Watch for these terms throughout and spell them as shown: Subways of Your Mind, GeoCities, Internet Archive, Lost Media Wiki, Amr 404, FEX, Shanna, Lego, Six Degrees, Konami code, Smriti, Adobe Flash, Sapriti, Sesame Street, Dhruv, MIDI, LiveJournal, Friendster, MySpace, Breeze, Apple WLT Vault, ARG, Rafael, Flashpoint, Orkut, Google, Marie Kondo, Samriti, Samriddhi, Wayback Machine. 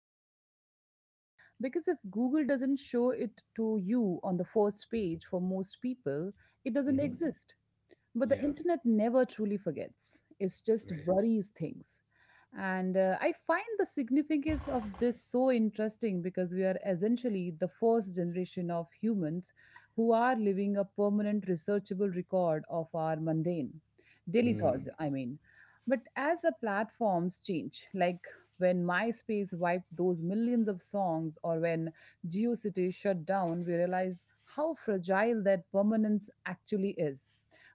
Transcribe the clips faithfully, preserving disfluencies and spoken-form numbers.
distinction, by the way, because if Google doesn't show it to you on the first page for most people, it doesn't Hmm. exist. But the Yeah. internet never truly forgets, it just Right. buries things. And uh, I find the significance of this so interesting because we are essentially the first generation of humans who are living a permanent researchable record of our mundane daily Hmm. thoughts, I mean. But as the platforms change, like when MySpace wiped those millions of songs or when GeoCity shut down, we realize how fragile that permanence actually is.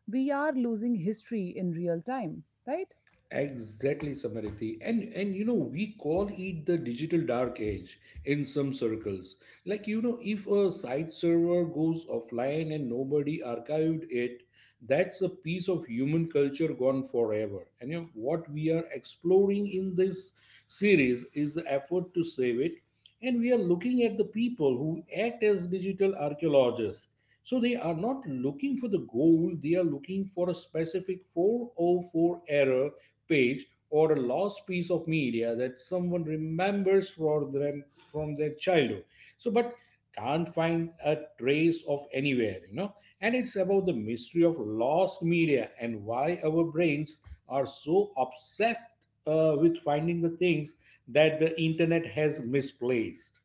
We are losing history in real time, right? Exactly, Samriddhi. And and you know, we call it the digital dark age in some circles. Like, you know, if a site server goes offline and nobody archived it, that's a piece of human culture gone forever. And you know, what we are exploring in this series is the effort to save it, and we are looking at the people who act as digital archaeologists. So they are not looking for the gold, they are looking for a specific four oh four error page or a lost piece of media that someone remembers for them from their childhood. So, but can't find a trace of anywhere, you know. And it's about the mystery of lost media and why our brains are so obsessed uh, with finding the things that the internet has misplaced,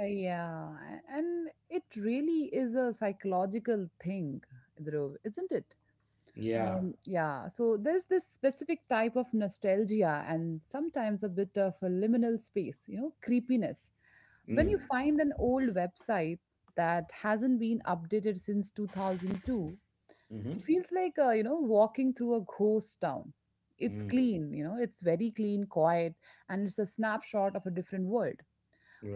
Uh, yeah, a- and it really is a psychological thing, Dhruv, isn't it? Yeah. Um, yeah, so there's this specific type of nostalgia and sometimes a bit of a liminal space, you know, creepiness. When you Mm. find an old website that hasn't been updated since two thousand two, it Hmm. feels like, uh, you know, walking through a ghost town. It's Mm. clean, you know, it's very clean, quiet, and it's a snapshot of a different world.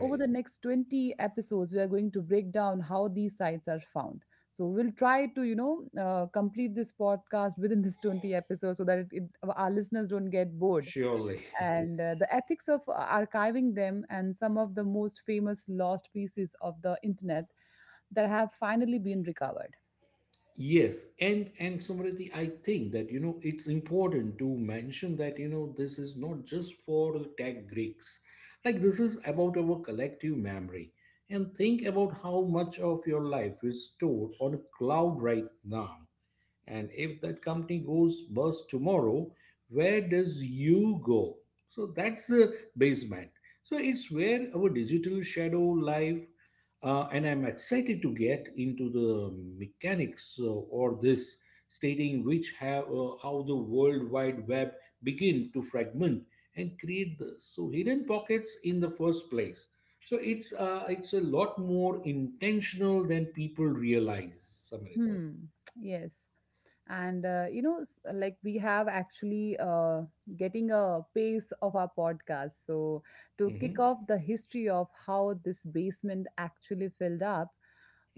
Over the next 20 episodes, we are going to break down how these sites are found. So we'll try to, you know, uh, complete this podcast within this 20 episodes so that it, it, our listeners don't get bored. Surely. And uh, the ethics of uh, archiving them and some of the most famous lost pieces of the internet that have finally been recovered. Yes, and and Samriti, I think that you know it's important to mention that you know this is not just for tech Greeks. Like, this is about our collective memory. And think about how much of your life is stored on a cloud right now. And if that company goes bust tomorrow, where does you go? So that's the basement. So it's where our digital shadow live. Uh, and I'm excited to get into the mechanics uh, or this stating which have uh, how the world wide web begin to fragment and create this so hidden pockets in the first place. So it's uh, it's a lot more intentional than people realize, Samriti. Hmm. Yes. And uh, you know, s- like we have actually uh, getting a pace of our podcast. So to Mhm, kick off the history of how this basement actually filled up,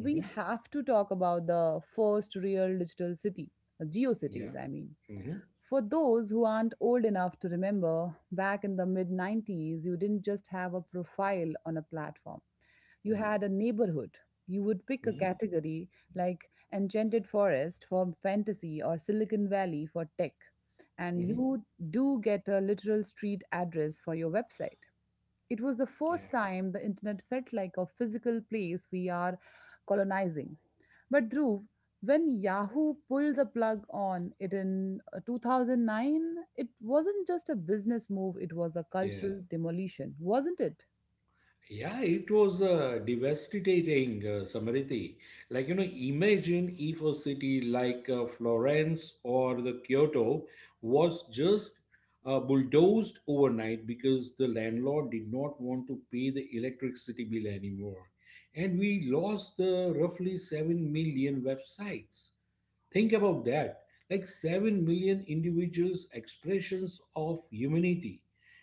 we have to talk about the first real digital city, uh, Yeah. GeoCities. I mean. Mm-hmm. For those who aren't old enough to remember, back in the mid nineties, you didn't just have a profile on a platform, you Mm-hmm. had a neighborhood. You would pick a category like Enchanted Forest for fantasy or Silicon Valley for tech, and Mm-hmm. you do get a literal street address for your website. It was the Yeah. first time the internet felt like a physical place we are colonizing. But Dhruv, when Yahoo pulled the plug on it in uh, twenty oh nine, it wasn't just a business move, it was a Yeah. cultural demolition, wasn't it? Yeah, it was uh, devastating, uh, Samriti. Like, you know, imagine if a city like uh, Florence or the Kyoto was just uh, bulldozed overnight because the landlord did not want to pay the electricity bill anymore. And we lost the roughly seven million websites. Think about that, like seven million individuals' expressions of humanity.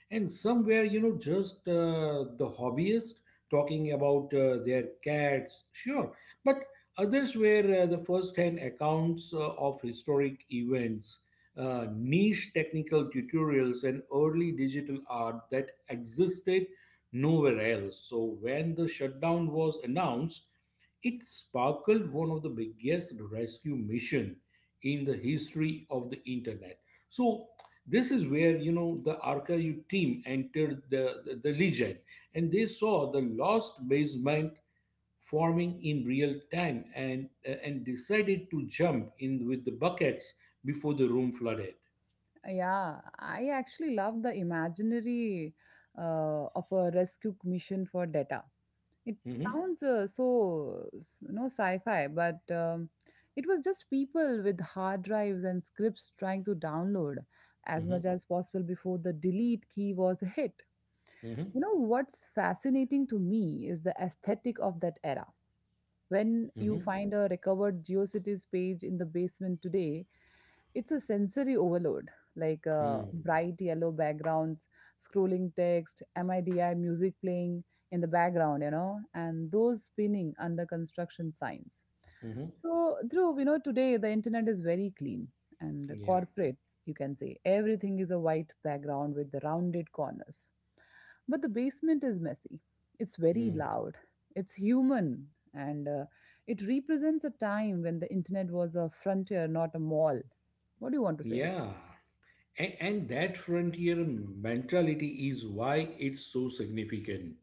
And somewhere, you know, just uh, the hobbyist talking about uh, their cats, sure. But others were uh, the first hand accounts uh, of historic events, uh, niche technical tutorials, and early digital art that existed nowhere else. So when the shutdown was announced, it sparkled one of the biggest rescue mission in the history of the internet. So this is where you know the archive team entered the, the, the legend, and they saw the lost basement forming in real time, and and decided to jump in with the buckets before the room flooded. Yeah, I actually love the imaginary uh, of a rescue mission for data. It Mhm, sounds uh, so s- no sci-fi, but um, it was just people with hard drives and scripts trying to download as mhm, much as possible before the delete key was a hit. mhm, You know what's fascinating to me is the aesthetic of that era. When you mhm, find a recovered GeoCities page in the basement today, it's a sensory overload, like uh, mhm, bright yellow backgrounds, scrolling text, MIDI music playing in the background, you know, and those spinning under construction signs. mhm. So, Dhruv, you know, today the internet is very clean and Yeah. corporate, you can say. Everything is a white background with the rounded corners. But the basement is messy. It's very Mm. loud. It's human and uh, it represents a time when the internet was a frontier, not a mall. What do you want to say? Yeah. A- And that frontier mentality is why it's so significant.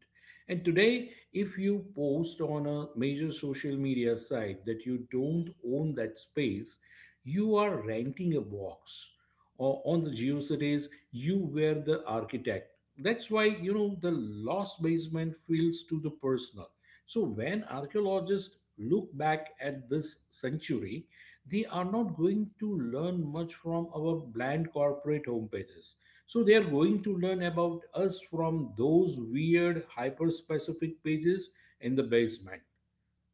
And today, if you post on a major social media site that you don't own that space, you are renting a box. Or on the geocities, you were the architect. That's why you know the lost basement feels to the personal. So when archaeologists look back at this century, they are not going to learn much from our bland corporate homepages. So they are going to learn about us from those weird hyper specific pages in the basement.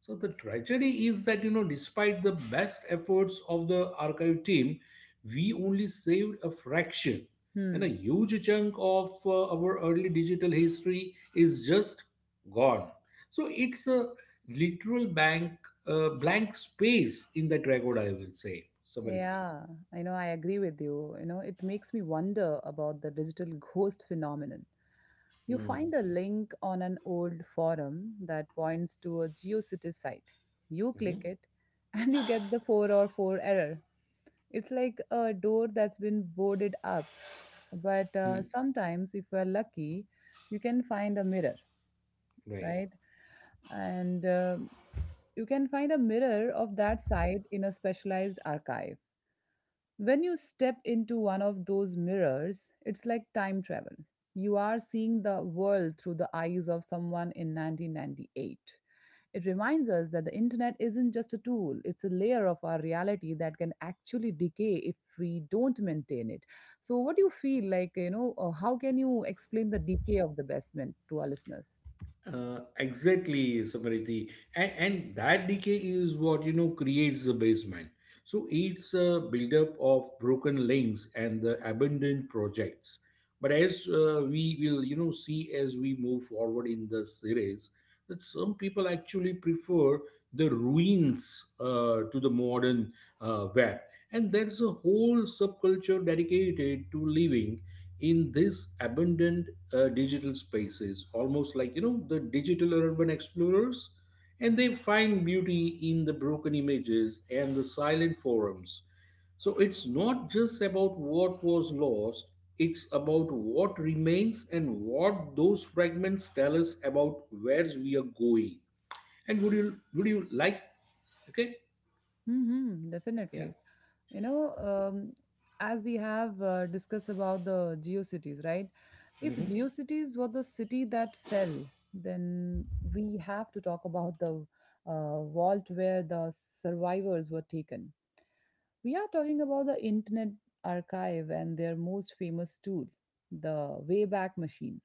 So the tragedy is that you know, despite the best efforts of the archive team, we only saved a fraction, and a Hmm. huge chunk of uh, our early digital history is just gone. So it's a literal blank uh, blank space in that record, I will say, Samariti. Yeah, I know, I agree with you. You know, it makes me wonder about the digital ghost phenomenon. You Hmm. find a link on an old forum that points to a GeoCities site. You click Mhm. it and you get the four oh four error. It's like a door that's been boarded up. But Hmm. uh, sometimes, if we're lucky, you can find a mirror, Right. right? and uh, You can find a mirror of that site in a specialized archive. When you step into one of those mirrors, it's like time travel. You are seeing the world through the eyes of someone in nineteen ninety-eight. It reminds us that the internet isn't just a tool, it's a layer of our reality that can actually decay if we don't maintain it. So, what do you feel like, you know, uh, how can you explain the decay of the basement to our listeners? Uh, exactly, Samariti. And, and that decay is what, you know, creates the basement. So it's a buildup of broken links and the abandoned projects. But as uh, we will, you know, see as we move forward in the series, that some people actually prefer the ruins uh, to the modern uh, web, and there's a whole subculture dedicated to living in these abundant uh, digital spaces, almost like you know the digital urban explorers, and they find beauty in the broken images and the silent forums. So it's not just about what was lost, it's about what remains and what those fragments tell us about where we are going. And would you would you like, okay? Mm-hmm, Yeah. definitely. You know, um, as we have uh, discussed about the geocities, right? If Mhm. geocities were the city that fell, then we have to talk about the uh, vault where the survivors were taken. We are talking about the Internet Archive and their most famous tool, the Wayback Machine.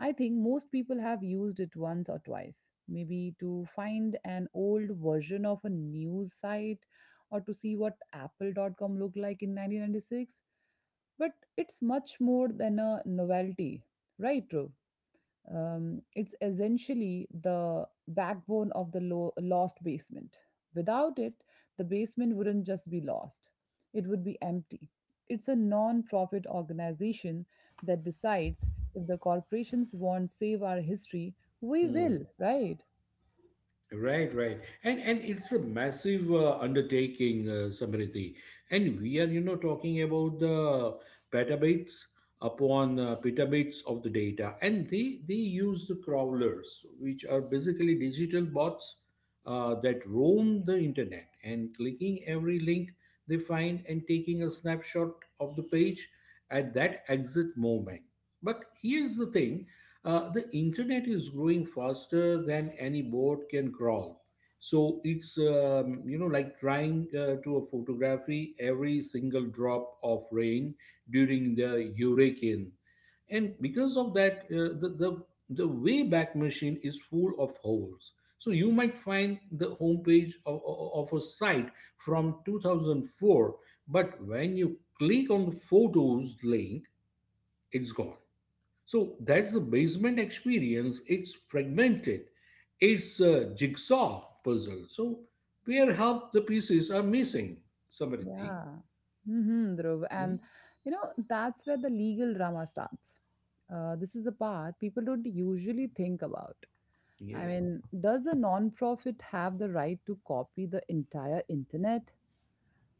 I think most people have used it once or twice, maybe to find an old version of a news site or to see what Apple dot com looked like in nineteen ninety-six. But it's much more than a novelty, right, Dhruv? Um, it's essentially the backbone of the lo- lost basement. Without it, the basement wouldn't just be lost, it would be empty. It's a non profit organization that decides if the corporations won't save our history, we Hmm. will, right? Right, right, and and it's a massive uh, undertaking, uh, Samriddhi, and we are you know talking about the petabytes upon uh, petabytes of the data, and they they use the crawlers, which are basically digital bots uh, that roam the internet and clicking every link they find and taking a snapshot of the page at that exit moment. But here's the thing, uh, the internet is growing faster than any boat can crawl. So it's, um, you know, like trying uh, to a photography every single drop of rain during the hurricane. And because of that, uh, the, the, the Wayback Machine is full of holes. So you might find the homepage of, of a site from two thousand four, but when you click on the photos link, it's gone. So that's the basement experience. It's fragmented. It's a jigsaw puzzle. So where half the pieces are missing, Samriddhi. Yeah. Mm-hmm, Dhruv. And Mhm. you know, that's where the legal drama starts. Uh, this is the part people don't usually think about. I Yeah. mean, does a non-profit have the right to copy the entire internet?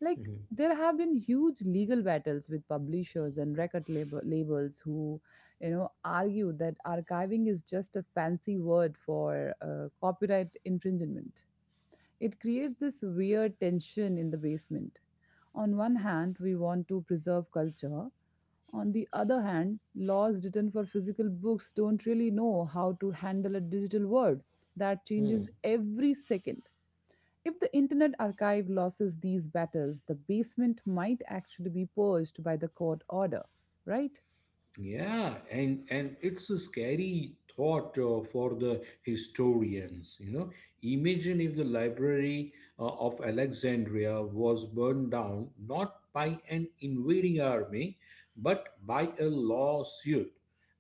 Like, there have been huge legal battles with publishers and record label- labels who, you know, argue that archiving is just a fancy word for uh, copyright infringement. It creates this weird tension in the basement. On one hand, we want to preserve culture; on the other hand, laws written for physical books don't really know how to handle a digital world that Mhm. changes every second. If the Internet Archive loses these battles, the basement might actually be purged by the court order, right? Yeah, and and it's a scary thought uh, for the historians. You know, imagine if the Library uh, of Alexandria was burned down not by an invading army, but by a lawsuit.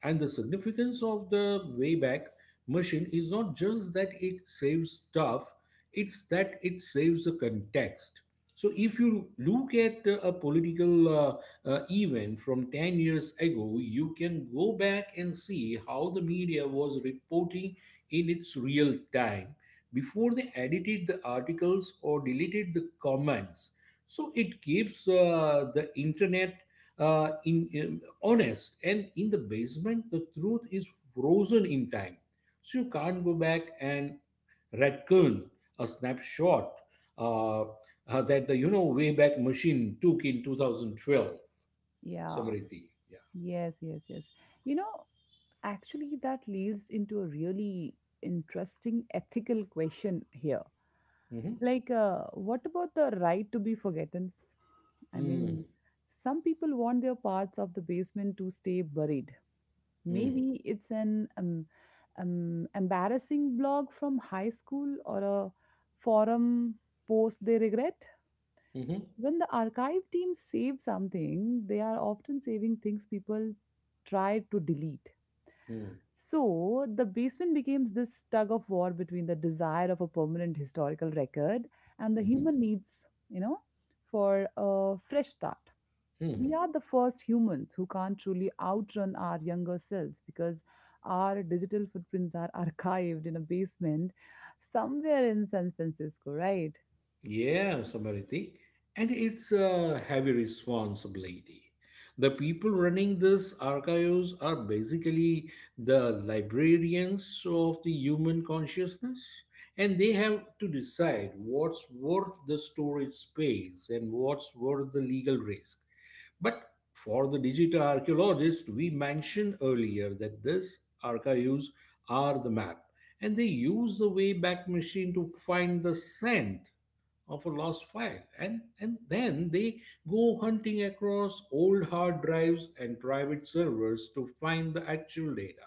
And the significance of the Wayback Machine is not just that it saves stuff; it's that it saves the context. So if you look at uh, a political uh, uh, event from ten years ago, you can go back and see how the media was reporting in its real time before they edited the articles or deleted the comments. So it keeps uh, the internet uh, in, um, honest, and in the basement, the truth is frozen in time. So you can't go back and raccoon a snapshot uh, uh, that the you know Wayback Machine took in two thousand twelve. Yeah, Samriti. Yeah. yes, yes, yes. You know, actually, that leads into a really interesting ethical question here. Mm-hmm. Like, uh, what about the right to be forgotten? I Mm-hmm. mean, some people want their parts of the basement to stay buried. Mm-hmm. Maybe it's an um, um, embarrassing blog from high school or a forum post they regret. When the archive team saves something, they are often saving things people try to delete. So the basement becomes this tug of war between the desire of a permanent historical record and the Mm-hmm. human needs, you know, for a fresh start. Mm-hmm. We are the first humans who can't truly outrun our younger selves because our digital footprints are archived in a basement somewhere in San Francisco, right? Yeah, Samariti. And it's a heavy responsibility. The people running these archives are basically the librarians of the human consciousness, and they have to decide what's worth the storage space and what's worth the legal risk. But for the digital archaeologist, we mentioned earlier that these archives are the map, and they use the Wayback Machine to find the scent of a lost file, and and then they go hunting across old hard drives and private servers to find the actual data.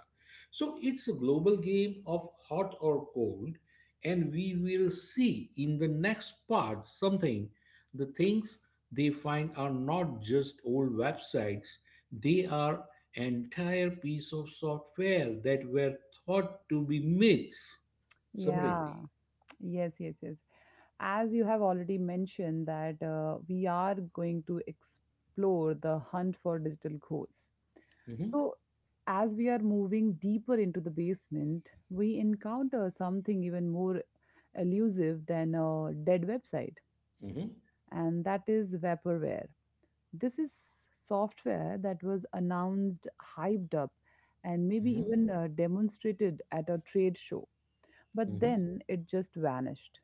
So it's a global game of hot or cold, and we will see in the next part something, the things they find are not just old websites, they are entire piece of software that were thought to be myths, Yeah, Samriti. yes, yes, yes. As you have already mentioned, that uh, we are going to explore the hunt for digital ghosts. Mhm, So, as we are moving deeper into the basement, we encounter something even more elusive than a dead website, mhm, and that is vaporware. This is software that was announced, hyped up, and maybe mhm, even uh, demonstrated at a trade show. But mhm. then it just vanished.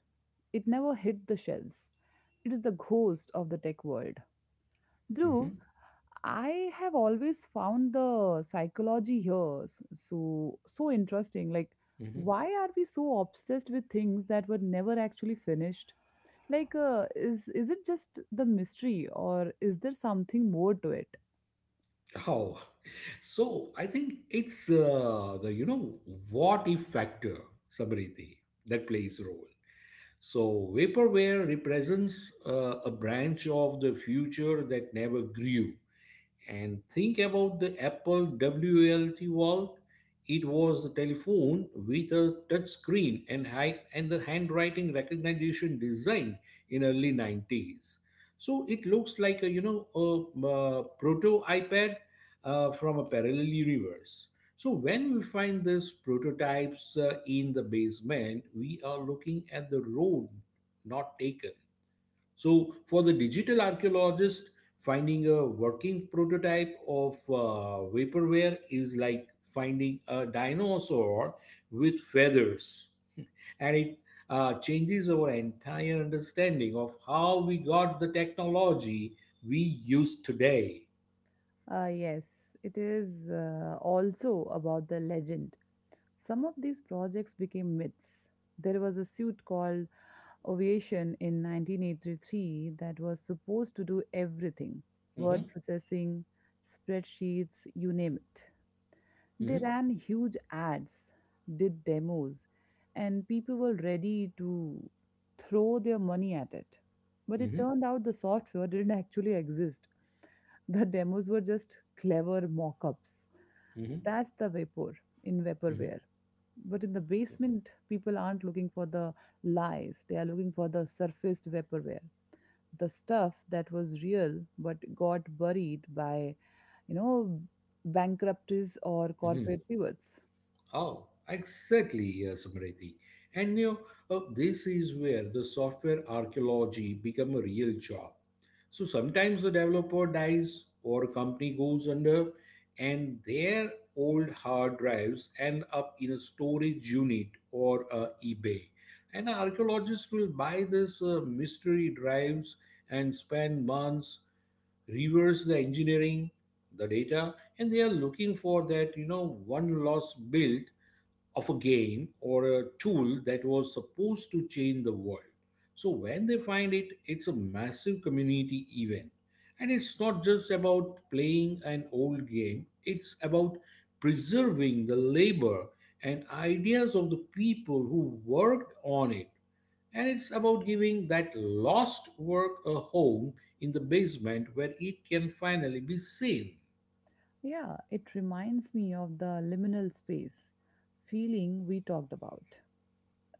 It never hit the shelves. It is the ghost of the tech world. Hmm. Dhruv, I have always found the psychology here s- so so interesting. Like, Hmm. why are we so obsessed with things that were never actually finished? Like, uh, is is it just the mystery, or is there something more to it? Oh, so I think it's uh, the you know what if factor, Samriti, that plays a role. So vaporware represents uh, a branch of the future that never grew. And think about the Apple W L T Vault. It was a telephone with a touch screen and, high, and the handwriting recognition design in early nineties. So it looks like a you know a, uh proto iPad uh, from a parallel universe. So when we find these prototypes uh, in the basement, we are looking at the road not taken. So, for the digital archaeologist, finding a working prototype of uh, vaporware is like finding a dinosaur with feathers, and it uh, changes our entire understanding of how we got the technology we use today. Uh, yes, it is uh, also about the legend. Some of these projects became myths. There was a suit called Aviation in nineteen eighty-three that was supposed to do everything, Mhm, word processing, spreadsheets, you name it. They mhm, ran huge ads, did demos, and people were ready to throw their money at it. But it mhm, turned out the software didn't actually exist. The demos were just clever mock ups. mhm, That's the vapor in mhm, vaporware. But in the basement, people aren't looking for the lies, they are looking for the surfaced vaporware, the stuff that was real but got buried by, you know, bankruptcies or mhm. corporate pivots. Oh, exactly, uh, Smriti. And you know, uh, this is where the software archaeology become a real job. So sometimes the developer dies or a company goes under, and their old hard drives end up in a storage unit or uh, eBay. And archaeologists will buy these uh, mystery drives and spend months reverse the engineering, the data, and they are looking for that you know one lost build of a game or a tool that was supposed to change the world. So when they find it, it's a massive community event. And it's not just about playing an old game, it's about preserving the labor and ideas of the people who worked on it. And it's about giving that lost work a home in the basement where it can finally be seen. Yeah, it reminds me of the liminal space feeling we talked about.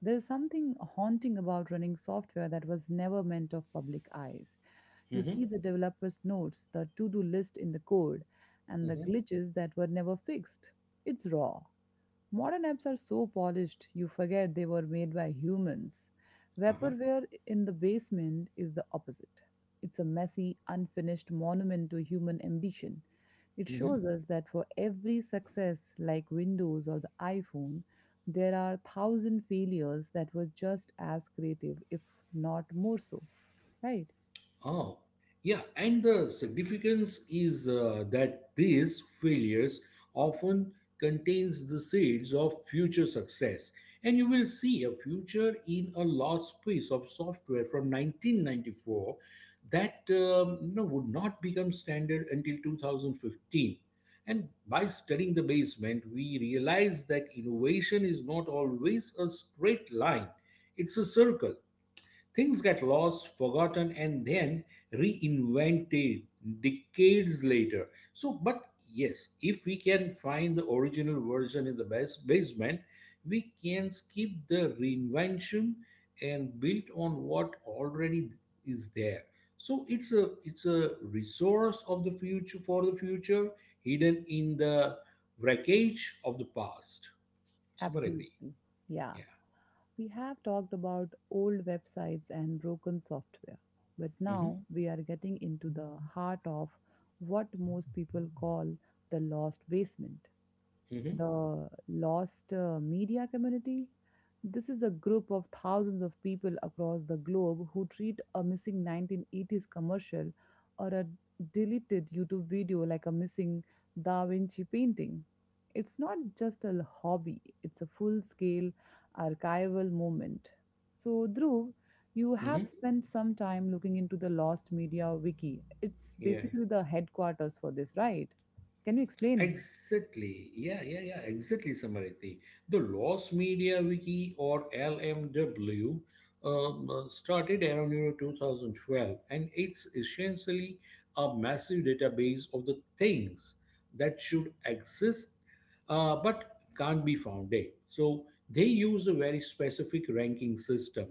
There is something haunting about running software that was never meant of public eyes. You hmm see the developer's notes, the to do list in the code, and the hmm glitches that were never fixed. It's raw. Modern apps are so polished, you forget they were made by humans. Uh-huh. Vaporware in the basement is the opposite. It's a messy, unfinished monument to human ambition. It Mhm. shows us that for every success, like Windows or the iPhone, there are a thousand failures that were just as creative, if not more so. Right? Oh, yeah, and the significance is uh, that these failures often contains the seeds of future success. And you will see a future in a lost piece of software from nineteen ninety-four that um, you know, would not become standard until two thousand fifteen. And by studying the basement, we realize that innovation is not always a straight line. It's a circle. Things get lost, forgotten, and then reinvented decades later. So, but yes, if we can find the original version in the bas- basement, we can skip the reinvention and build on what already is there. So it's a it's a resource of the future for the future, hidden in the wreckage of the past. Sumarati. Absolutely. Yeah. Yeah. We have talked about old websites and broken software, but Mm-hmm. now we are getting into the heart of what most people call the lost basement, Mm-hmm. the lost uh, media community. This is a group of thousands of people across the globe who treat a missing nineteen eighties commercial or a deleted YouTube video like a missing Da Vinci painting. It's not just a hobby, it's a full scale archival movement. So, Dhruv, you Mm-hmm. have spent some time looking into the Lost Media Wiki. It's Yeah. basically the headquarters for this, right? Can you explain? Exactly. Yeah, yeah, yeah. Exactly, Samariti. The Lost Media Wiki or L M W um, uh, started around you know, twenty twelve, and it's essentially a massive database of the things that should exist uh, but can't be found. There. So they use a very specific ranking system: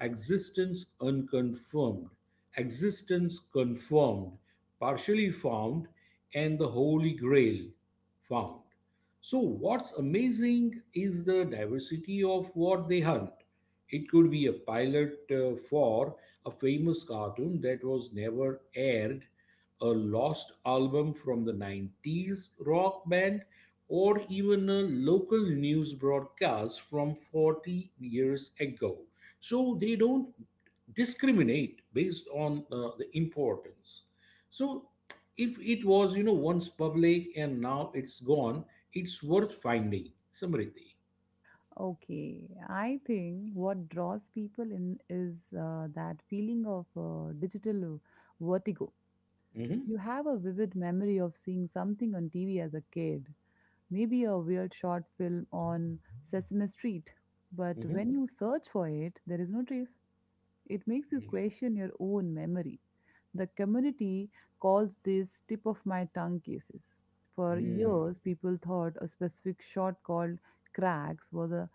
existence unconfirmed, existence confirmed, partially found, and the Holy Grail found. So, what's amazing is the diversity of what they hunt. It could be a pilot uh, for a famous cartoon that was never aired, a lost album from the nineties rock band, or even a local news broadcast from forty years ago. So they don't discriminate based on uh, the importance. So if it was, you know, once public and now it's gone, it's worth finding. Samriti. Okay, I think what draws people in is uh, that feeling of uh, digital vertigo. Mm-hmm. You have a vivid memory of seeing something on T V as a kid, maybe a weird short film on Sesame Street, but Mm-hmm. when you search for it, there is no trace. It makes you Yeah. question your own memory. The community calls this tip of my tongue cases. For Mm. years, people thought a specific shot called cracks was a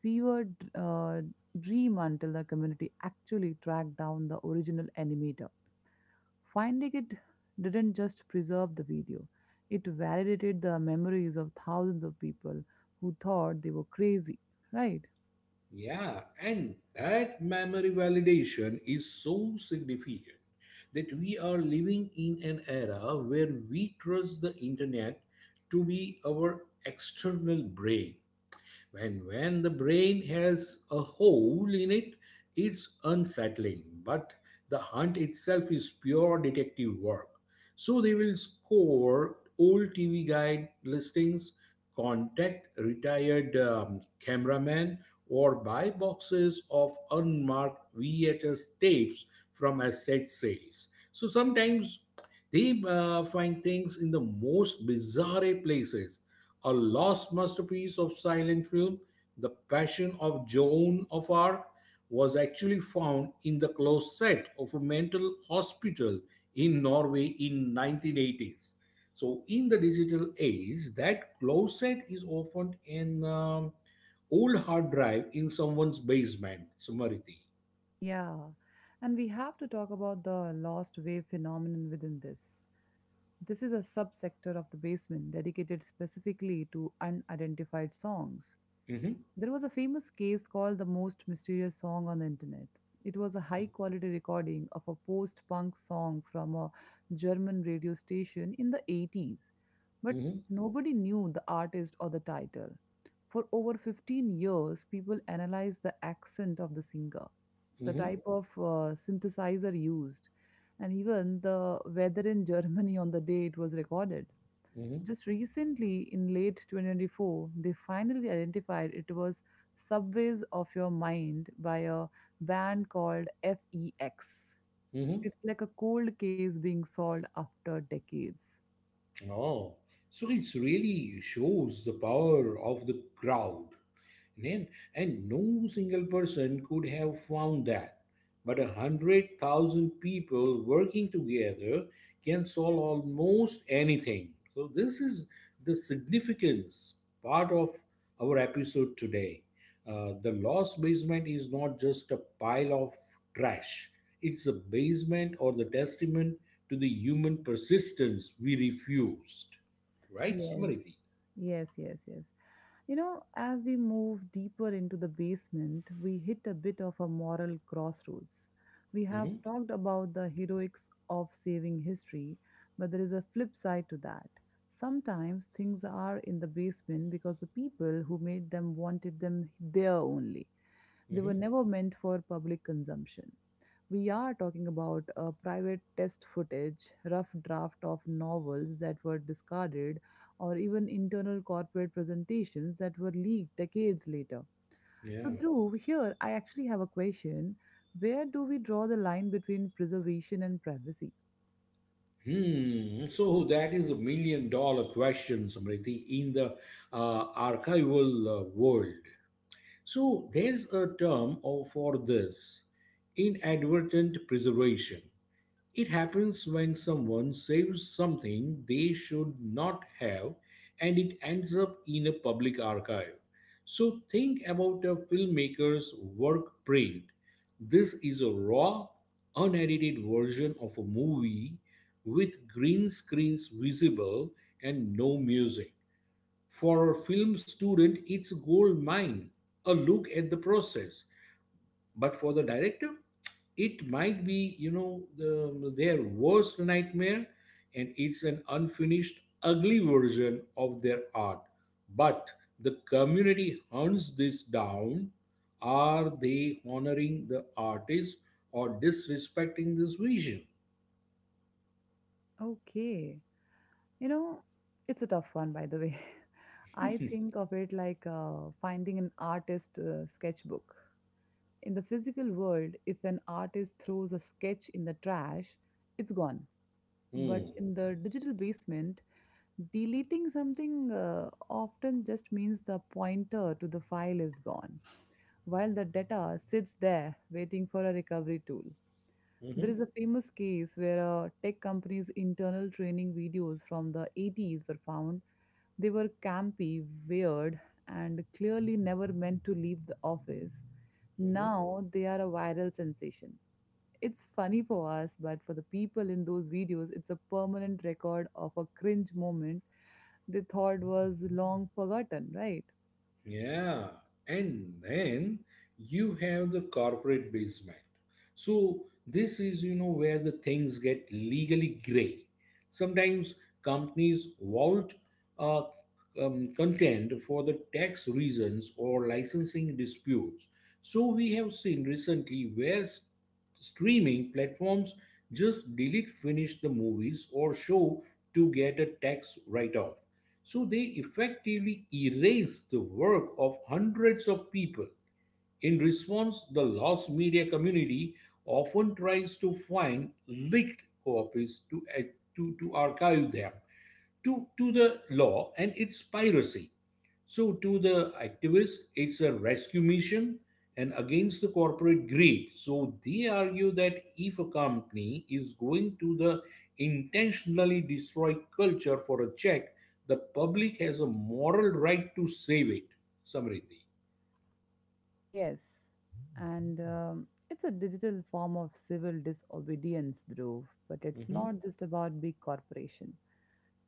fever d- uh, dream until the community actually tracked down the original animator. Finding it didn't just preserve the video, it validated the memories of thousands of people who thought they were crazy, right? Yeah, and that memory validation is so significant that we are living in an era where we trust the internet to be our external brain. When when the brain has a hole in it, it's unsettling, but the hunt itself is pure detective work. So they will score old T V guide listings, contact retired um, cameraman, or buy boxes of unmarked V H S tapes from estate sales. So sometimes they uh, find things in the most bizarre places. A lost masterpiece of silent film, The Passion of Joan of Arc, was actually found in the closet of a mental hospital in Norway in nineteen eighties. So, in the digital age, that closet is often an um, old hard drive in someone's basement, Samariti. Yeah, and we have to talk about the lost wave phenomenon within this. This is a subsector of the basement dedicated specifically to unidentified songs. Mhm, There was a famous case called the most mysterious song on the internet. It was a high quality recording of a post punk song from a German radio station in the eighties, but mhm, nobody knew the artist or the title. For over fifteen years, people analyzed the accent of the singer, the mhm, type of uh, synthesizer used, and even the weather in Germany on the day it was recorded. mhm, Just recently, in late twenty twenty-four, they finally identified it was Subways of Your Mind by a band called F E X. mhm. It's like a cold case being solved after decades. Oh, so it really shows the power of the crowd. And, and no single person could have found that. But a hundred thousand people working together can solve almost anything. So, this is the significance part of our episode today. Uh, the lost basement is not just a pile of trash, it's a basement or the testament to the human persistence we refused. Right, Yes, Smriti? yes, yes, yes. You know, as we move deeper into the basement, we hit a bit of a moral crossroads. We have Mm-hmm. talked about the heroics of saving history, but there is a flip side to that. Sometimes things are in the basement because the people who made them wanted them there only. They were Mm-hmm. never meant for public consumption. We are talking about a private test footage, rough draft of novels that were discarded, or even internal corporate presentations that were leaked decades later. So, Yeah. Dhruv, here I actually have a question. Where do we draw the line between preservation and privacy? Hmm. So that is a million dollar question, Samriti, in the uh, archival uh, world. So there's a term of- for this inadvertent preservation. It happens when someone saves something they should not have and it ends up in a public archive. So think about a filmmaker's work print. This is a raw, unedited version of a movie with green screens visible and no music. For a film student, it's gold mine. A look at the process, but for the director it might be you know the, their worst nightmare, and it's an unfinished ugly version of their art. But the community hunts this down. Are they honoring the artist or disrespecting this vision? Okay, you know, it's a tough one, by the way. I think of it like uh, finding an artist uh, sketchbook. In the physical world, if an artist throws a sketch in the trash, it's gone. But Hmm. in the digital basement, deleting something uh, often just means the pointer to the file is gone, while the data sits there waiting for a recovery tool. There Mhm. is a famous case where a tech company's internal training videos from the eighties were found. They were campy, weird, and clearly never meant to leave the office. Mhm. Now they are a viral sensation. It's funny for us, but for the people in those videos, it's a permanent record of a cringe moment they thought was long forgotten, right? Yeah, and then you have the corporate basement. So this is you know where the things get legally gray. Sometimes companies vault uh, um, content for the tax reasons or licensing disputes. So we have seen recently where s- streaming platforms just delete finish the movies or show to get a tax write-off. So they effectively erased the work of hundreds of people. In response, the lost media community often tries to find leaked copies to, eh, to, to archive them to, to the law and its piracy. So, to the activists, it's a rescue mission and against the corporate greed. So, they argue that if a company is going to the intentionally destroy culture for a check, the public has a moral right to save it. Samriti. Yes, and um, it's a digital form of civil disobedience, Dhruv, but it's Hmm. not just about big corporations.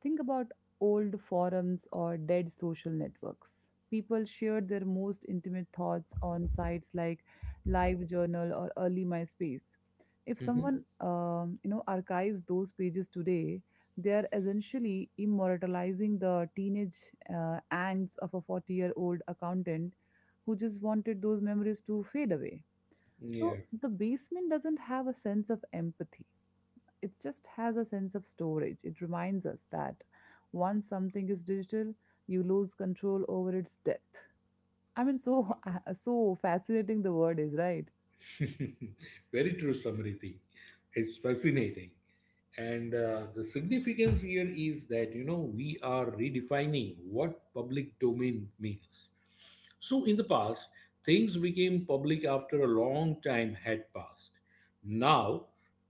Think about old forums or dead social networks. People shared their most intimate thoughts on sites like LiveJournal or early MySpace. If Hmm. someone um, you know archives those pages today, they are essentially immortalizing the teenage uh, angst of a forty-year-old accountant who just wanted those memories to fade away. So Yeah. the basement doesn't have a sense of empathy, it just has a sense of storage. It reminds us that once something is digital, you lose control over its death. I mean, so so fascinating the word is, right? Very true, Samriti. It's fascinating. And uh, the significance here is that, you know, we are redefining what public domain means. So, in the past, things became public after a long time had passed. Now,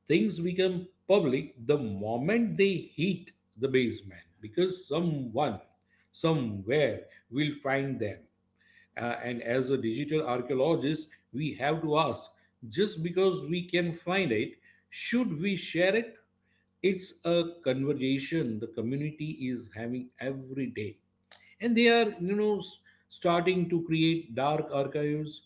things become public the moment they hit the basement because someone, somewhere, will find them. Uh, and as a digital archaeologist, we have to ask, just because we can find it, should we share it? It's a conversation the community is having every day, and they are you know s- starting to create dark archives,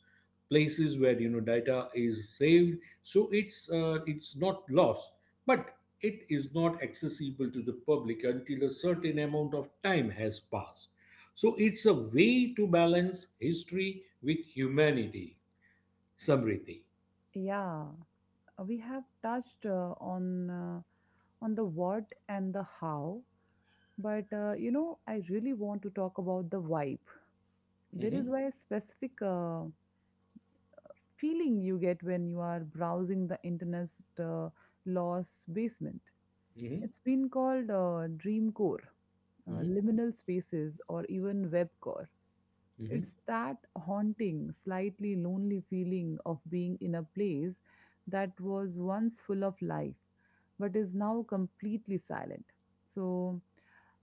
places where you know data is saved so it's uh, it's not lost, but it is not accessible to the public until a certain amount of time has passed. So it's a way to balance history with humanity, Samriti. Yeah, we have touched uh, on uh, on the what and the how, but uh, you know, I really want to talk about the vibe. There is Hmm. why a specific uh, feeling you get when you are browsing the internet's uh, lost basement. Hmm. It's been called uh, dream core, uh, Hmm. liminal spaces, or even web core. Hmm. It's that haunting, slightly lonely feeling of being in a place that was once full of life but is now completely silent. So,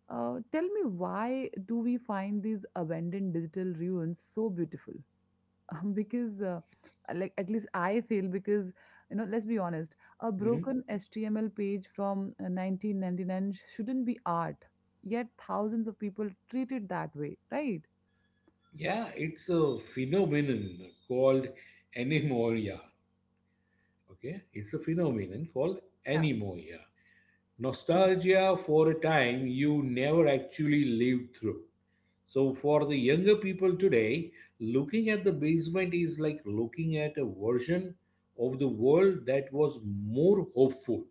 uh, tell me, why do we find these abandoned digital ruins so beautiful? Um, because uh, like at least I feel because you know, let's be honest, a Hmm. broken html page from uh, nineteen ninety-nine sh- shouldn't be art, yet thousands of people treat it that way, right? Yeah, it's a phenomenon called anemoria. Okay, it's a phenomenon called Yeah. anemoia. Mm. Nostalgia for a time you never actually lived through. So, for the younger people today, looking at the basement is like looking at a version of the world that was more hopeful,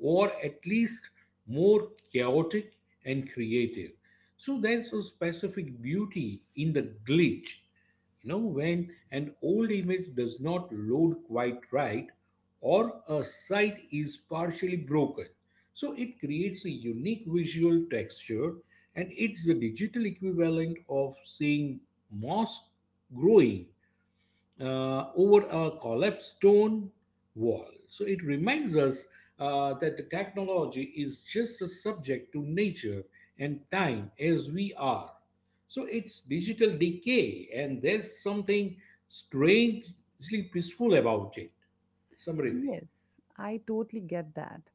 or at least more chaotic and creative. So, there's a specific beauty in the glitch, you know when an old image does not load quite right or a site is partially broken. So it creates a unique visual texture, and it's the digital equivalent of seeing moss growing uh, over a collapsed stone wall. So it reminds us uh, that the technology is just as subject to nature and time as we are. So it's digital decay, and there's something strangely peaceful about it. Samriddhi. Yes, I totally get that.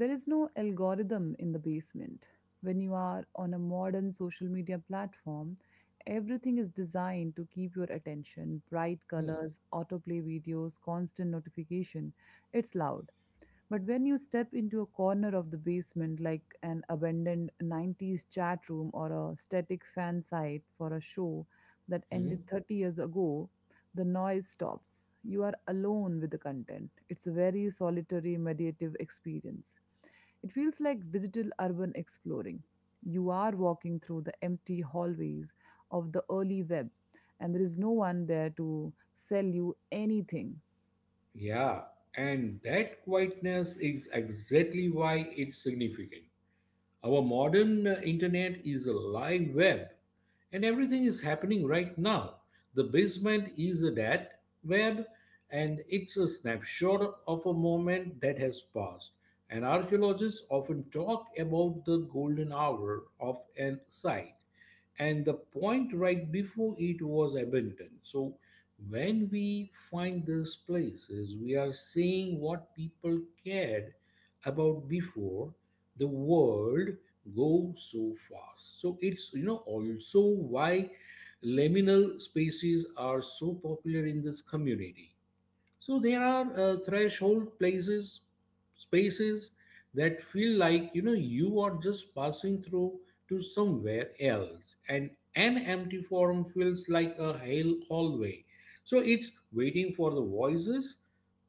There is no algorithm in the basement. When you are on a modern social media platform, everything is designed to keep your attention: bright Hmm. colors, autoplay videos, constant notification. It's loud. But when you step into a corner of the basement, like an abandoned nineties chat room or a static fan site for a show that ended Mhm. thirty years ago, the noise stops. You are alone with the content. It's a very solitary, meditative experience. It feels like digital urban exploring. You are walking through the empty hallways of the early web, and there is no one there to sell you anything. Yeah, and that quietness is exactly why it's significant. Our modern uh, internet is a live web, and everything is happening right now. The basement is a dead web, and it's a snapshot of a moment that has passed. And archaeologists often talk about the golden hour of an site and the point right before it was abandoned. So, when we find these places, we are seeing what people cared about before the world goes so fast. So it's, you know also why liminal spaces are so popular in this community. So there are uh, threshold places, spaces that feel like you know you are just passing through to somewhere else, and an empty forum feels like a hell hallway. So it's waiting for the voices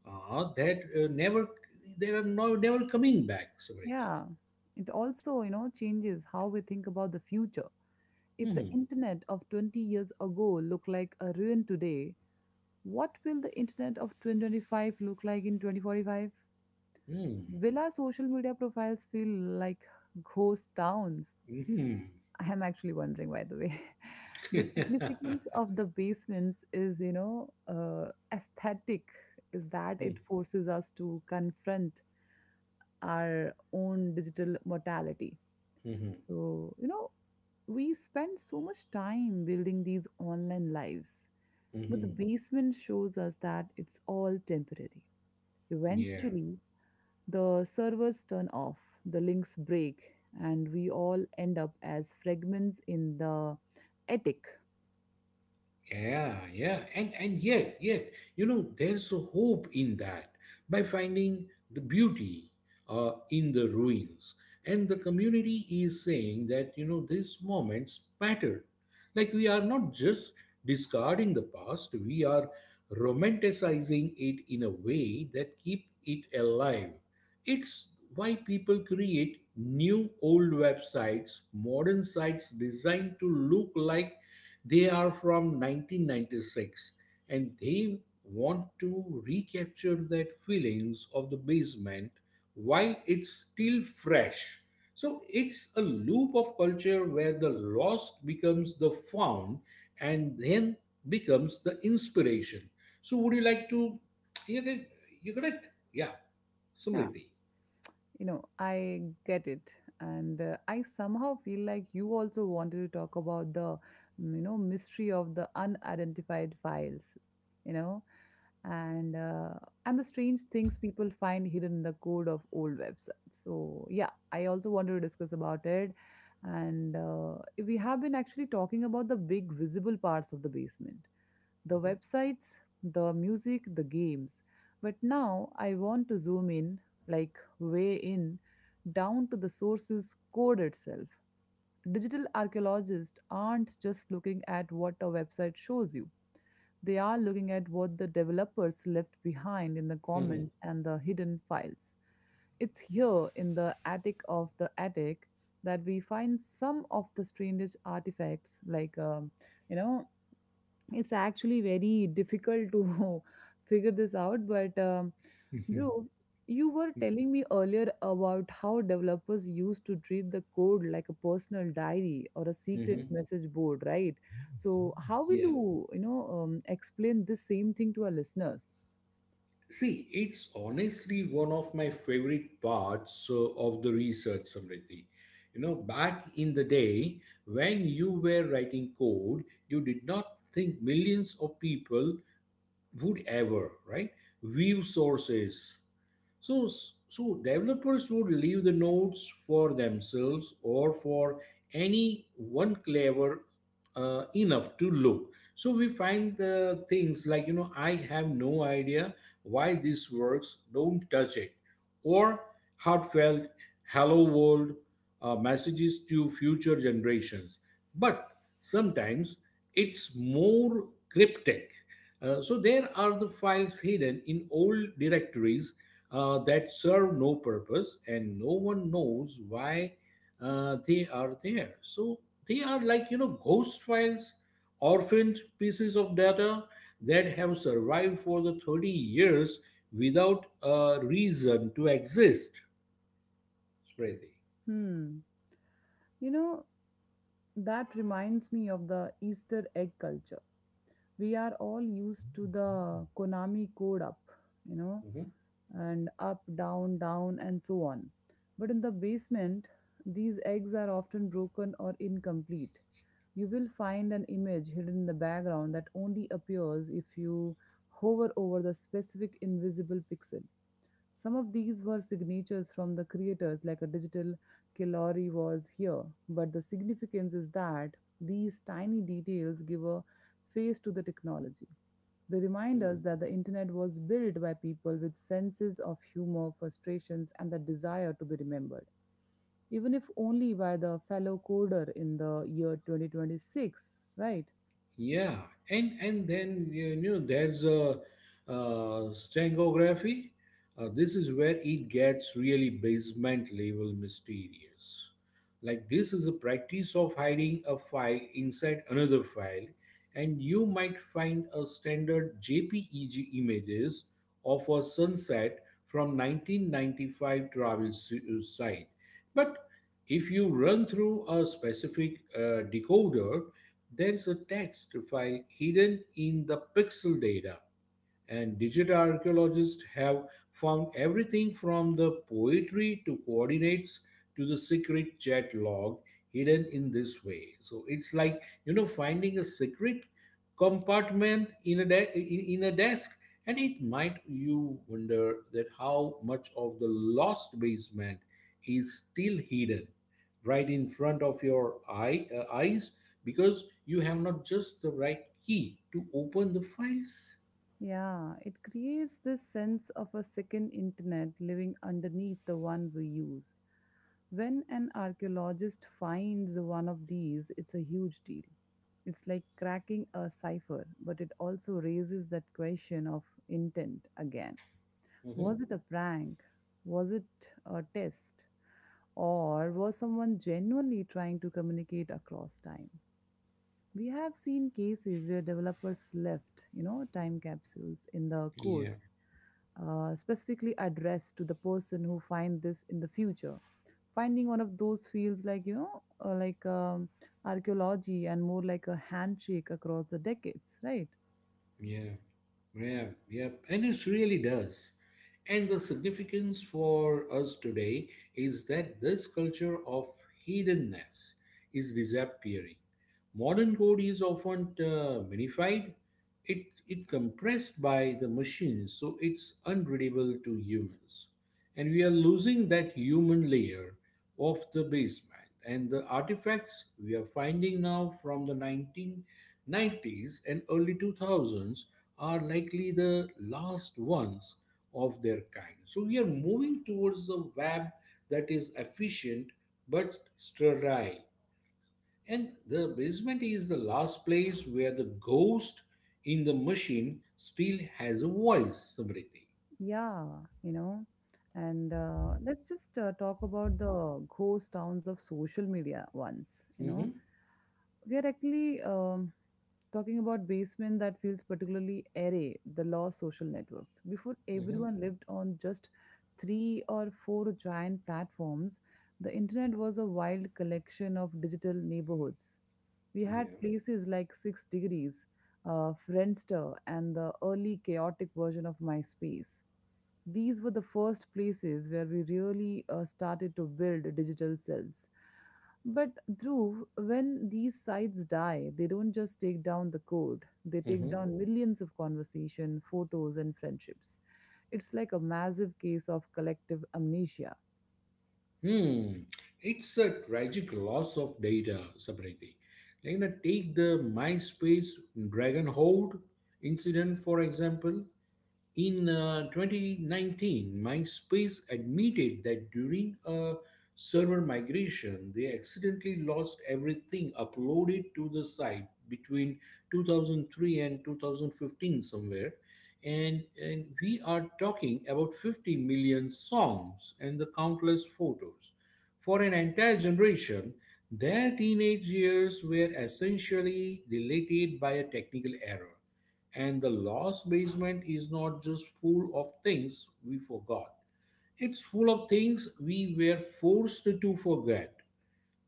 uh, that uh, never, they are no, never coming back, Samriti. Yeah, it also, you know, changes how we think about the future. If the Mhm. internet of twenty years ago looked like a ruin today, what will the internet of twenty twenty-five look like in twenty forty-five? Mhm. Will our social media profiles feel like ghost towns? Mhm. I am actually wondering, by the way. The significance of the basements is, you know, uh, aesthetic, is that it forces us to confront our own digital mortality. Mhm. So, you know, we spend so much time building these online lives, but the Mhm. basement shows us that it's all temporary. Yeah. Eventually, the servers turn off, the links break, and we all end up as fragments in the attic. Yeah, yeah, and and yet, yet, you know, there's a hope in that by finding the beauty uh, in the ruins, and the community is saying that you know these moments matter. Like we are not just discarding the past; we are romanticizing it in a way that keep it alive. It's why people create new old websites, modern sites designed to look like they are from nineteen ninety-six, and they want to recapture that feelings of the basement while it's still fresh. So it's a loop of culture where the lost becomes the found and then becomes the inspiration. So would you like to, you get you got it? Yeah, Yeah, Samriti. you know, I get it. And uh, I somehow feel like you also wanted to talk about the, mm, you know, mystery of the unidentified files, you know, and uh, and the strange things people find hidden in the code of old websites. So yeah, I also wanted to discuss about it. And uh, we have been actually talking about the big visible parts of the basement, the websites, the music, the games, but now I want to zoom in, like way in, down to the sources code itself. Digital archaeologists aren't just looking at what a website shows you, they are looking at what the developers left behind in the Hmm. comments and the hidden files. It's here in the attic of the attic that we find some of the strangest artifacts, like, um, you know, it's actually very difficult to figure this out, but um, Hmm. Dhruv, you were telling me earlier about how developers used to treat the code like a personal diary or a secret Hmm. message board, right? So how will Yeah. you, you know, um, explain this same thing to our listeners? See, it's honestly one of my favorite parts uh, of the research, Samriti. You know, back in the day when you were writing code, you did not think millions of people would ever, right, view sources, so, so developers would leave the nodes for themselves or for any one clever uh, enough to look. So we find the things like you know I have no idea why this works. Don't touch it. Or heartfelt hello world uh, messages to future generations. But sometimes it's more cryptic. Uh, so there are the files hidden in old directories uh, that serve no purpose and no one knows why uh, they are there. So they are like, you know, ghost files, orphaned pieces of data that have survived for the thirty years without a reason to exist. Smriti. Hmm. You know, that reminds me of the easter egg culture. We are all used to the konami code, up, you know, and up, down, down, and so on. But in the basement, these eggs are often broken or incomplete. You will find an image hidden in the background that only appears if you hover over the specific invisible pixel. Some of these were signatures from the creators, like a digital Kilori was here, but the significance is that these tiny details give a face to the technology. They remind us Mhm. that the internet was built by people with senses of humor, frustrations, and the desire to be remembered. Even if only by the fellow coder in the year twenty twenty-six, right? Yeah, and and then you know there's a uh, stratigraphy. Uh, this is where it gets really basement level mysterious. Like this is a practice of hiding a file inside another file, and you might find a standard JPEG images of a sunset from nineteen ninety-five travel s- site, but if you run through a specific uh, decoder there is a text file hidden in the pixel data. And digital archaeologists have found everything from the poetry to coordinates to the secret chat log hidden in this way. So it's like, you know, finding a secret compartment in a, de- in, in a desk. And it might you wonder that how much of the lost basement is still hidden right in front of your eye, uh, eyes because you have not just the right key to open the files. Yeah, it creates this sense of a second internet living underneath the one we use. When an archaeologist finds one of these, it's a huge deal. It's like cracking a cipher, but it also raises that question of intent again. Mm-hmm. Was it a prank? Was it a test? Or was someone genuinely trying to communicate across time? We have seen cases where developers left, you know, time capsules in the code, Yeah, uh, specifically addressed to the person who find this in the future. Finding one of those feels like, you know, uh, like um, archaeology and more like a handshake across the decades, right? yeah, yeah, yeah. And it really does. And the significance for us today is that this culture of hiddenness is disappearing. Modern code is often uh, minified, it, it compressed by the machines, so it's unreadable to humans. And we are losing that human layer of the basement, and the artifacts we are finding now from the nineteen nineties and early two thousands are likely the last ones of their kind. So we are moving towards a web that is efficient but sterile, and the basement is the last place where the ghost in the machine still has a voice, Samriti. Yeah, you know, and uh, let's just uh, talk about the ghost towns of social media once, you know. Mm-hmm. We are actually um, talking about basement that feels particularly airy, the lost social networks. Before everyone lived on just three or four giant platforms, the internet was a wild collection of digital neighborhoods. We had Mm-hmm. places like Six Degrees, uh, Friendster, and the early chaotic version of MySpace. These were the first places where we really uh, started to build digital selves. But Dhruv, when these sites die, they don't just take down the code, they Yeah. take down millions of conversation, photos, and friendships. It's like a massive case of collective amnesia. Hmm, it's a tragic loss of data, Sapriti. Like, you know, take the MySpace Dragon Hold incident, for example. In uh, twenty nineteen, MySpace admitted that during a server migration, they accidentally lost everything uploaded to the site between two thousand three and two thousand fifteen somewhere, and and we are talking about fifty million songs and the countless photos for an entire generation. Their teenage years were essentially deleted by a technical error, and the lost basement is not just full of things we forgot, it's full of things we were forced to forget.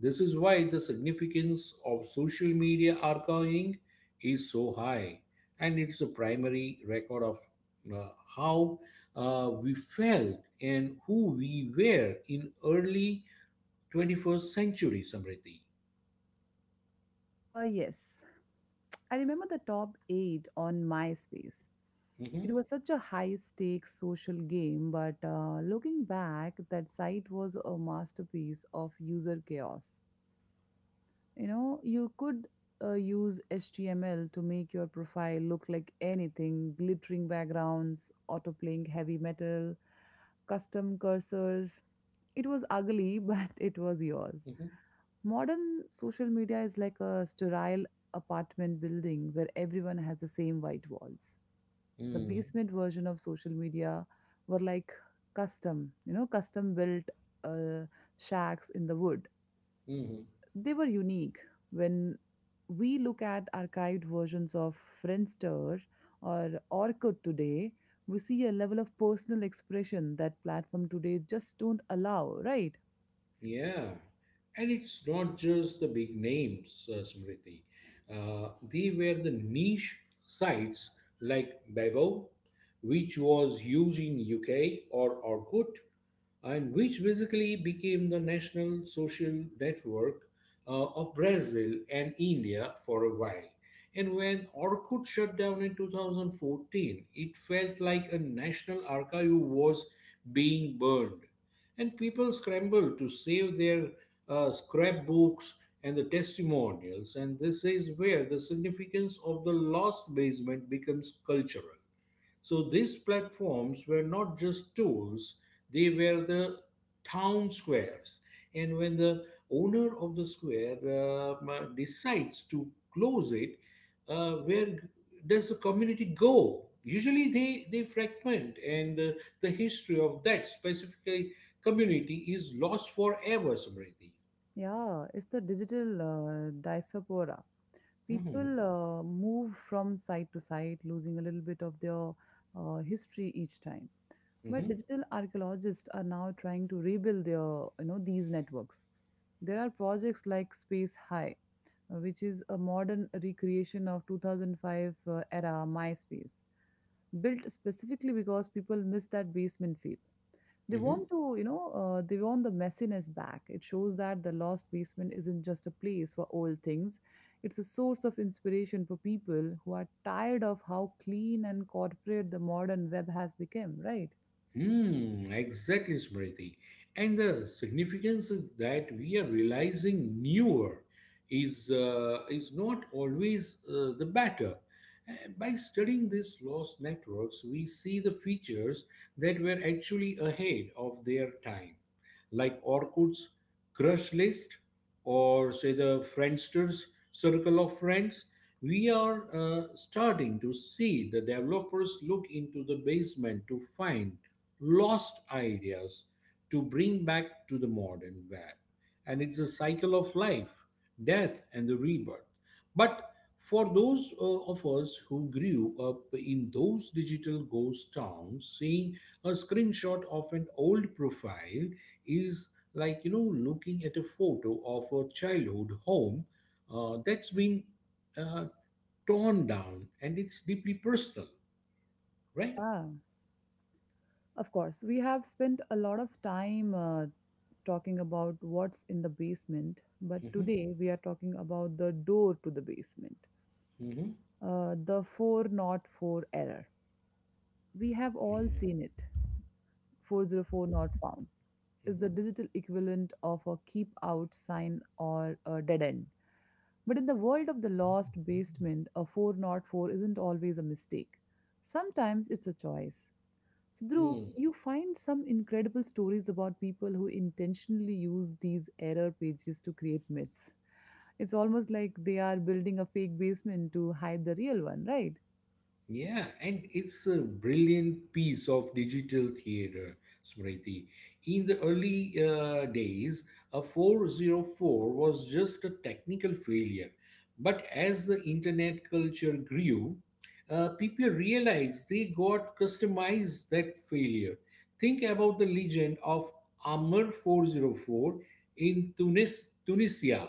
This is why the significance of social media archiving is so high, and it's a primary record of uh, how uh, we felt and who we were in early twenty-first century, Samriti. Uh, yes, I remember the top eight on MySpace. It Mhm, was such a high stakes social game, but uh, looking back, that site was a masterpiece of user chaos. You know, you could uh, use H T M L to make your profile look like anything glittering backgrounds, autoplaying heavy metal, custom cursors. It was ugly, but it was yours. mhm, Modern social media is like a sterile apartment building where everyone has the same white walls. The mm, basement version of social media were like custom, you know, custom built uh, shacks in the wood, mhm. they were unique. When we look at archived versions of Friendster or Orkut today, we see a level of personal expression that platform today just don't allow, right? Yeah, and it's not just the big names, uh, Smriti. Uh, they were the niche sites like Bebo, which was huge in U K, or Orkut, and which basically became the national social network uh, of Brazil and India for a while. And when Orkut shut down in two thousand fourteen, it felt like a national archive was being burned. And people scrambled to save their uh, scrapbooks and the testimonials. And this is where the significance of the lost basement becomes cultural. So these platforms were not just tools, they were the town squares. And when the owner of the square uh, m- decides to close it, uh, where does the community go? Usually they, they fragment, and uh, the history of that specific community is lost forever, Samriti. Yeah, it's the digital uh, diaspora. Hmm. People uh, move from site to site, losing a little bit of their uh, history each time. But digital archaeologists are now trying to rebuild their, you know, these networks. There are projects like Space High, uh, which is a modern recreation of two thousand five uh, era MySpace, built specifically because people miss that basement feel. They Hmm. want to, you know, uh, they want the messiness back. It shows that the lost basement isn't just a place for old things; it's a source of inspiration for people who are tired of how clean and corporate the modern web has become, right? Hmm, exactly, Smriti. And the significance is that we are realizing newer is uh, is not always uh, the better. Uh, By studying these lost networks, we see the features that were actually ahead of their time, like Orkut's crush list, or say the Friendster's circle of friends. We are uh, starting to see the developers look into the basement to find lost ideas to bring back to the modern web. And it's a cycle of life, death, and the rebirth. But for those uh, of us who grew up in those digital ghost towns, seeing a screenshot of an old profile is like, you know, looking at a photo of a childhood home uh, that's been uh, torn down, and it's deeply personal, right? Yeah, of course. We have spent a lot of time uh, talking about what's in the basement, but Mm-hmm. today we are talking about the door to the basement, Mm-hmm. uh, the four not four error. We have all Yeah. seen it. four oh four not found is the digital equivalent of a keep out sign or a dead end. But in the world of the lost basement, a four not four isn't always a mistake. Sometimes it's a choice. So, Dhruv, Mm-hmm. you find some incredible stories about people who intentionally use these error pages to create myths. It's almost like they are building a fake basement to hide the real one, right? Yeah, and it's a brilliant piece of digital theater, Smriti. In the early uh, days, a four oh four was just a technical failure. But as the internet culture grew, uh, people realized they got customized that failure. Think about the legend of Amr four oh four in Tunis, Tunisia.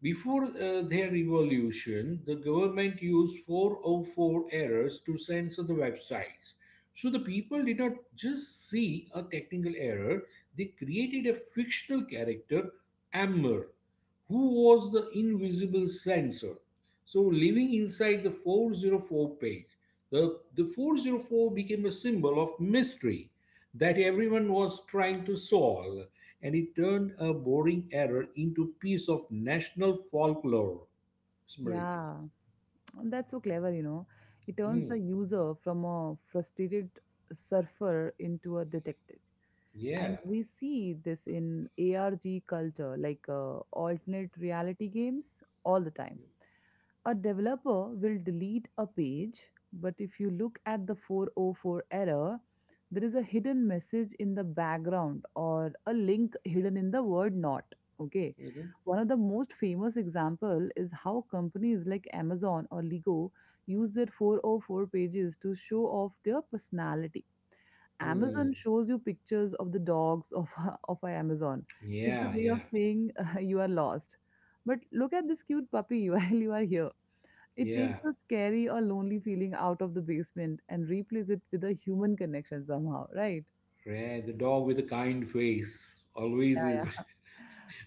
Before uh, their revolution, the government used four oh four errors to censor the websites. So the people did not just see a technical error, they created a fictional character, Ammer, who was the invisible censor. So living inside the four oh four page, the, the four oh four became a symbol of mystery that everyone was trying to solve, and it turned a boring error into a piece of national folklore, Smriti. Yeah, and that's so clever, you know. It turns Hmm. the user from a frustrated surfer into a detective. Yeah. And we see this in A R G culture, like uh, alternate reality games, all the time. A developer will delete a page, but if you look at the four oh four error, there is a hidden message in the background or a link hidden in the word not. Okay. Mhm. One of the most famous example is how companies like Amazon or Lego use their four oh four pages to show off their personality. Hmm. Amazon shows you pictures of the dogs of of our Amazon. It's the Yeah, way of yeah, saying uh, you are lost. But look at this cute puppy while you are here. It takes yeah. the scary or lonely feeling out of the basement and replaces it with a human connection somehow, right? Right. The dog with a kind face always is Yeah.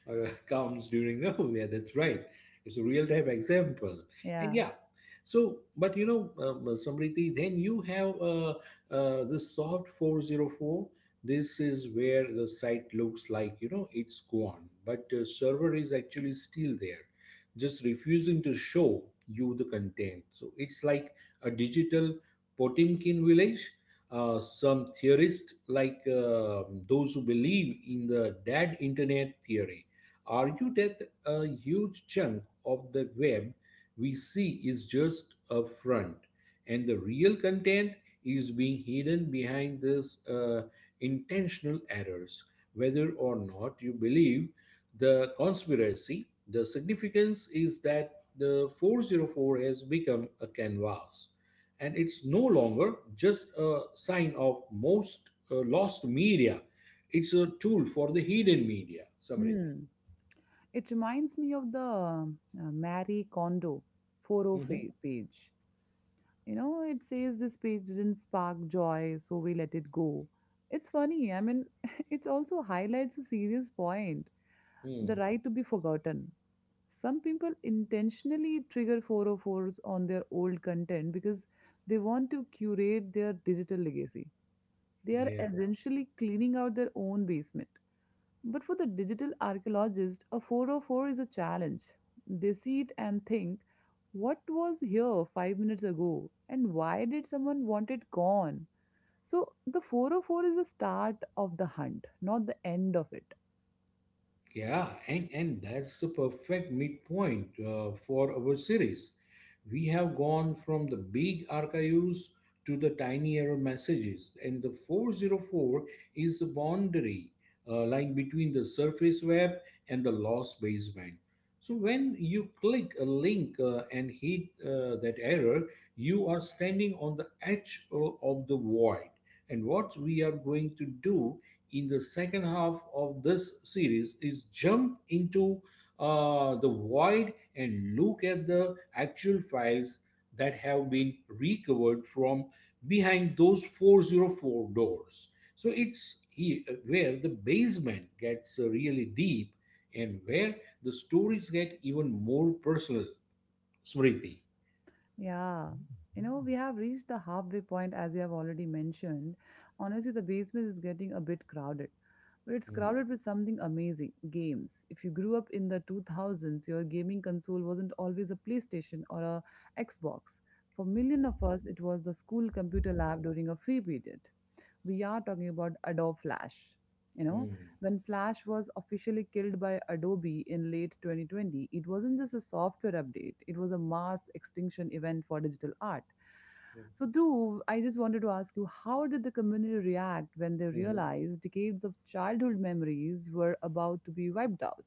or uh, comes during no, yeah, that's right, it's a real time example. And Yeah. yeah, so but you know um, uh, Samriti, then you have uh, uh, the soft four oh four. This is where the site looks like, you know, it's gone but uh, server is actually still there, just refusing to show you the content. So it's like a digital Potemkin village. Uh, some theorists, like um those who believe in the dead internet theory, argue that a huge chunk of the web we see is just a front, and the real content is being hidden behind these uh, intentional errors. Whether or not you believe the conspiracy, the significance is that the four oh four has become a canvas, and it's no longer just a sign of most uh, lost media. It's a tool for the hidden media, Samriti. Hmm. It reminds me of the uh, Marie Kondo Mhm. four oh five page. You know, it says this page didn't spark joy, so we let it go. It's funny. I mean, it also highlights a serious point, Hmm. the right to be forgotten. Some people intentionally trigger four oh four s on their old content because they want to curate their digital legacy. They are Yeah. essentially cleaning out their own basement. But for the digital archaeologist, a four oh four is a challenge. They sit and think, what was here five minutes ago and why did someone want it gone? So the four oh four is the start of the hunt, not the end of it. Yeah, and, and that's the perfect midpoint uh, for our series. We have gone from the big archives to the tiny error messages, and the four oh four is the boundary uh, line between the surface web and the lost basement. So when you click a link uh, and hit uh, that error, you are standing on the edge o- of the void. And what we are going to do in the second half of this series is jump into uh, the void and look at the actual files that have been recovered from behind those four oh four doors. So it's here where the basement gets uh, really deep, and where the stories get even more personal, Smriti. Yeah, you know, we have reached the halfway point as you have already mentioned. Honestly, the basement is getting a bit crowded, but it's Mm, crowded with something amazing games. If you grew up in the two thousands, your gaming console wasn't always a PlayStation or a Xbox. For millions of us, it was the school computer lab during a free period. We are talking about Adobe Flash. You know, mm, when Flash was officially killed by Adobe in late twenty twenty, it wasn't just a software update, it was a mass extinction event for digital art. mm, So, Dhruv, I just wanted to ask you how did the community react when they mhm. realized decades of childhood memories were about to be wiped out?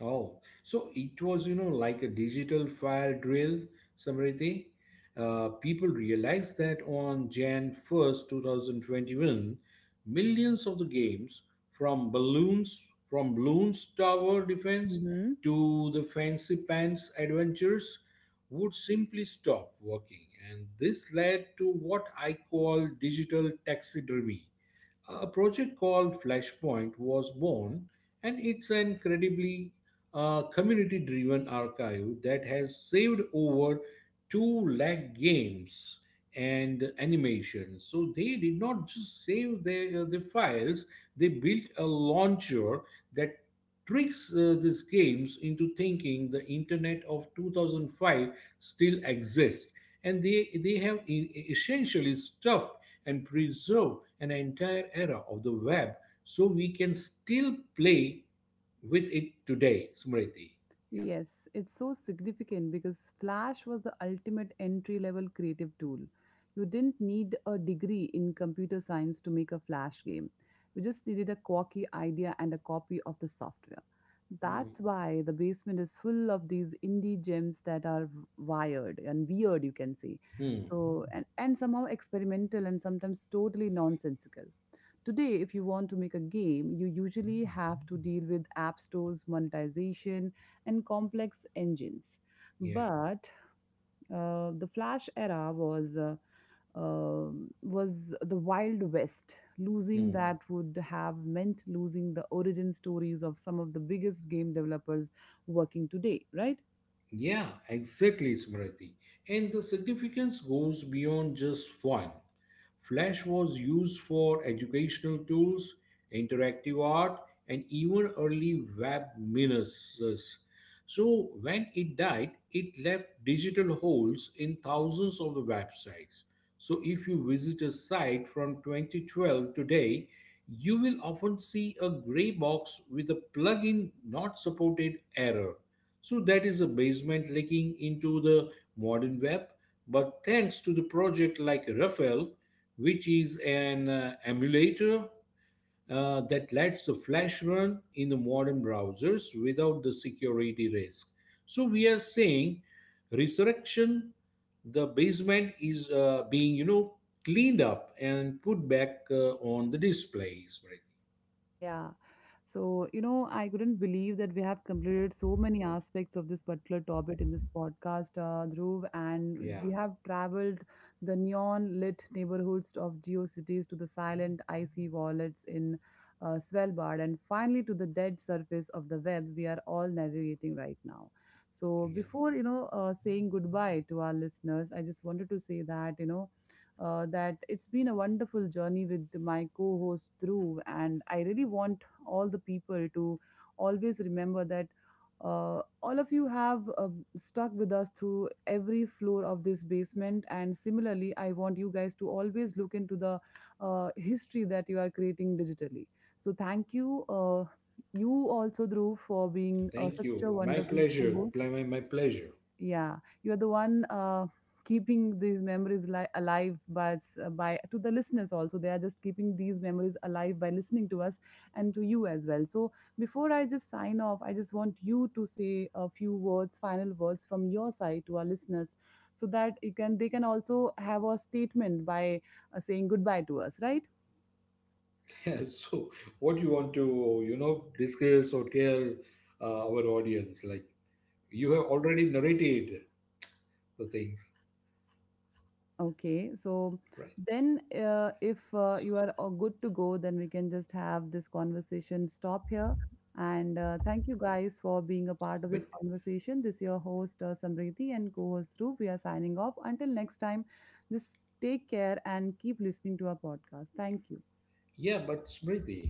Oh, so it was, you know, like a digital fire drill, Samriti. Uh, people realized that on January first, twenty twenty-one, millions of the games from balloons, from balloons tower defense to the fancy pants adventures would simply stop working. And this led to what I call digital taxidermy. A project called Flashpoint was born, and it's an incredibly a community driven archive that has saved over two lakh games and animations. So they did not just save their, uh, the files, they built a launcher that tricks uh, these games into thinking the internet of two thousand five still exists, and they, they have e- e, essentially stuffed and preserved an entire era of the web, so we can still play with it today, Smriti. Yeah. Yes, it's so significant because Flash was the ultimate entry level creative tool. You didn't need a degree in computer science to make a Flash game. You just needed a quirky idea and a copy of the software. That's why the basement is full of these indie gems that are wired and weird, you can say. Hmm. Hmm. So, and, and somehow experimental and sometimes totally nonsensical. Today, if you want to make a game, you usually have to deal with app stores, monetization, and complex engines. Yeah. But uh, the Flash era was uh, uh, was the Wild West. Losing Hmm. that would have meant losing the origin stories of some of the biggest game developers working today, right? Yeah, exactly, Smriti. And the significance goes beyond just fun. Flash was used for educational tools, interactive art, and even early web miners. So when it died, it left digital holes in thousands of the websites. So if you visit a site from twenty twelve today, you will often see a gray box with a plugin not supported error. So that is a basement leaking into the modern web. But thanks to the project like Rafael, which is an uh, emulator uh, that lets the Flash run in the modern browsers without the security risk. So we are saying resurrection, the basement is uh, being, you know, cleaned up and put back uh, on the displays. Right? Yeah. So, you know, I couldn't believe that we have completed so many aspects of this particular topic in this podcast, uh, Dhruv, and Yeah, we have traveled the neon lit neighborhoods of geocities to the silent icy wallets in uh, Svalbard and finally to the dead surface of the web we are all navigating right now. So, yeah. before, you know, uh, saying goodbye to our listeners, I just wanted to say that, you know, uh, that it's been a wonderful journey with my co-host Dhruv, and I really want all the people to always remember that uh, all of you have uh, stuck with us through every floor of this basement, and similarly, I want you guys to always look into the uh, history that you are creating digitally. So thank you. Uh, you also, Dhruv, for being uh, Thank such a you. My wonderful pleasure. co-host. Pl- My, my pleasure. Yeah, you're the one uh, keeping these memories li- alive by, s- uh, by to the listeners also. They are just keeping these memories alive by listening to us and to you as well. So before I just sign off, I just want you to say a few words, final words from your side to our listeners, so that you can they can also have a statement by uh, saying goodbye to us, right? So, what you want to, you know, discuss or tell uh, our audience? Like, you have already narrated the things, Okay, so right? then uh, if uh, So, you are uh, good to go, then we can just have this conversation stop here. And uh, thank you guys for being a part of but this conversation. This is your host, uh, Samriti, and co host Dhruv. We are signing off. Until next time, just take care and keep listening to our podcast. Thank you. yeah, but Smriti,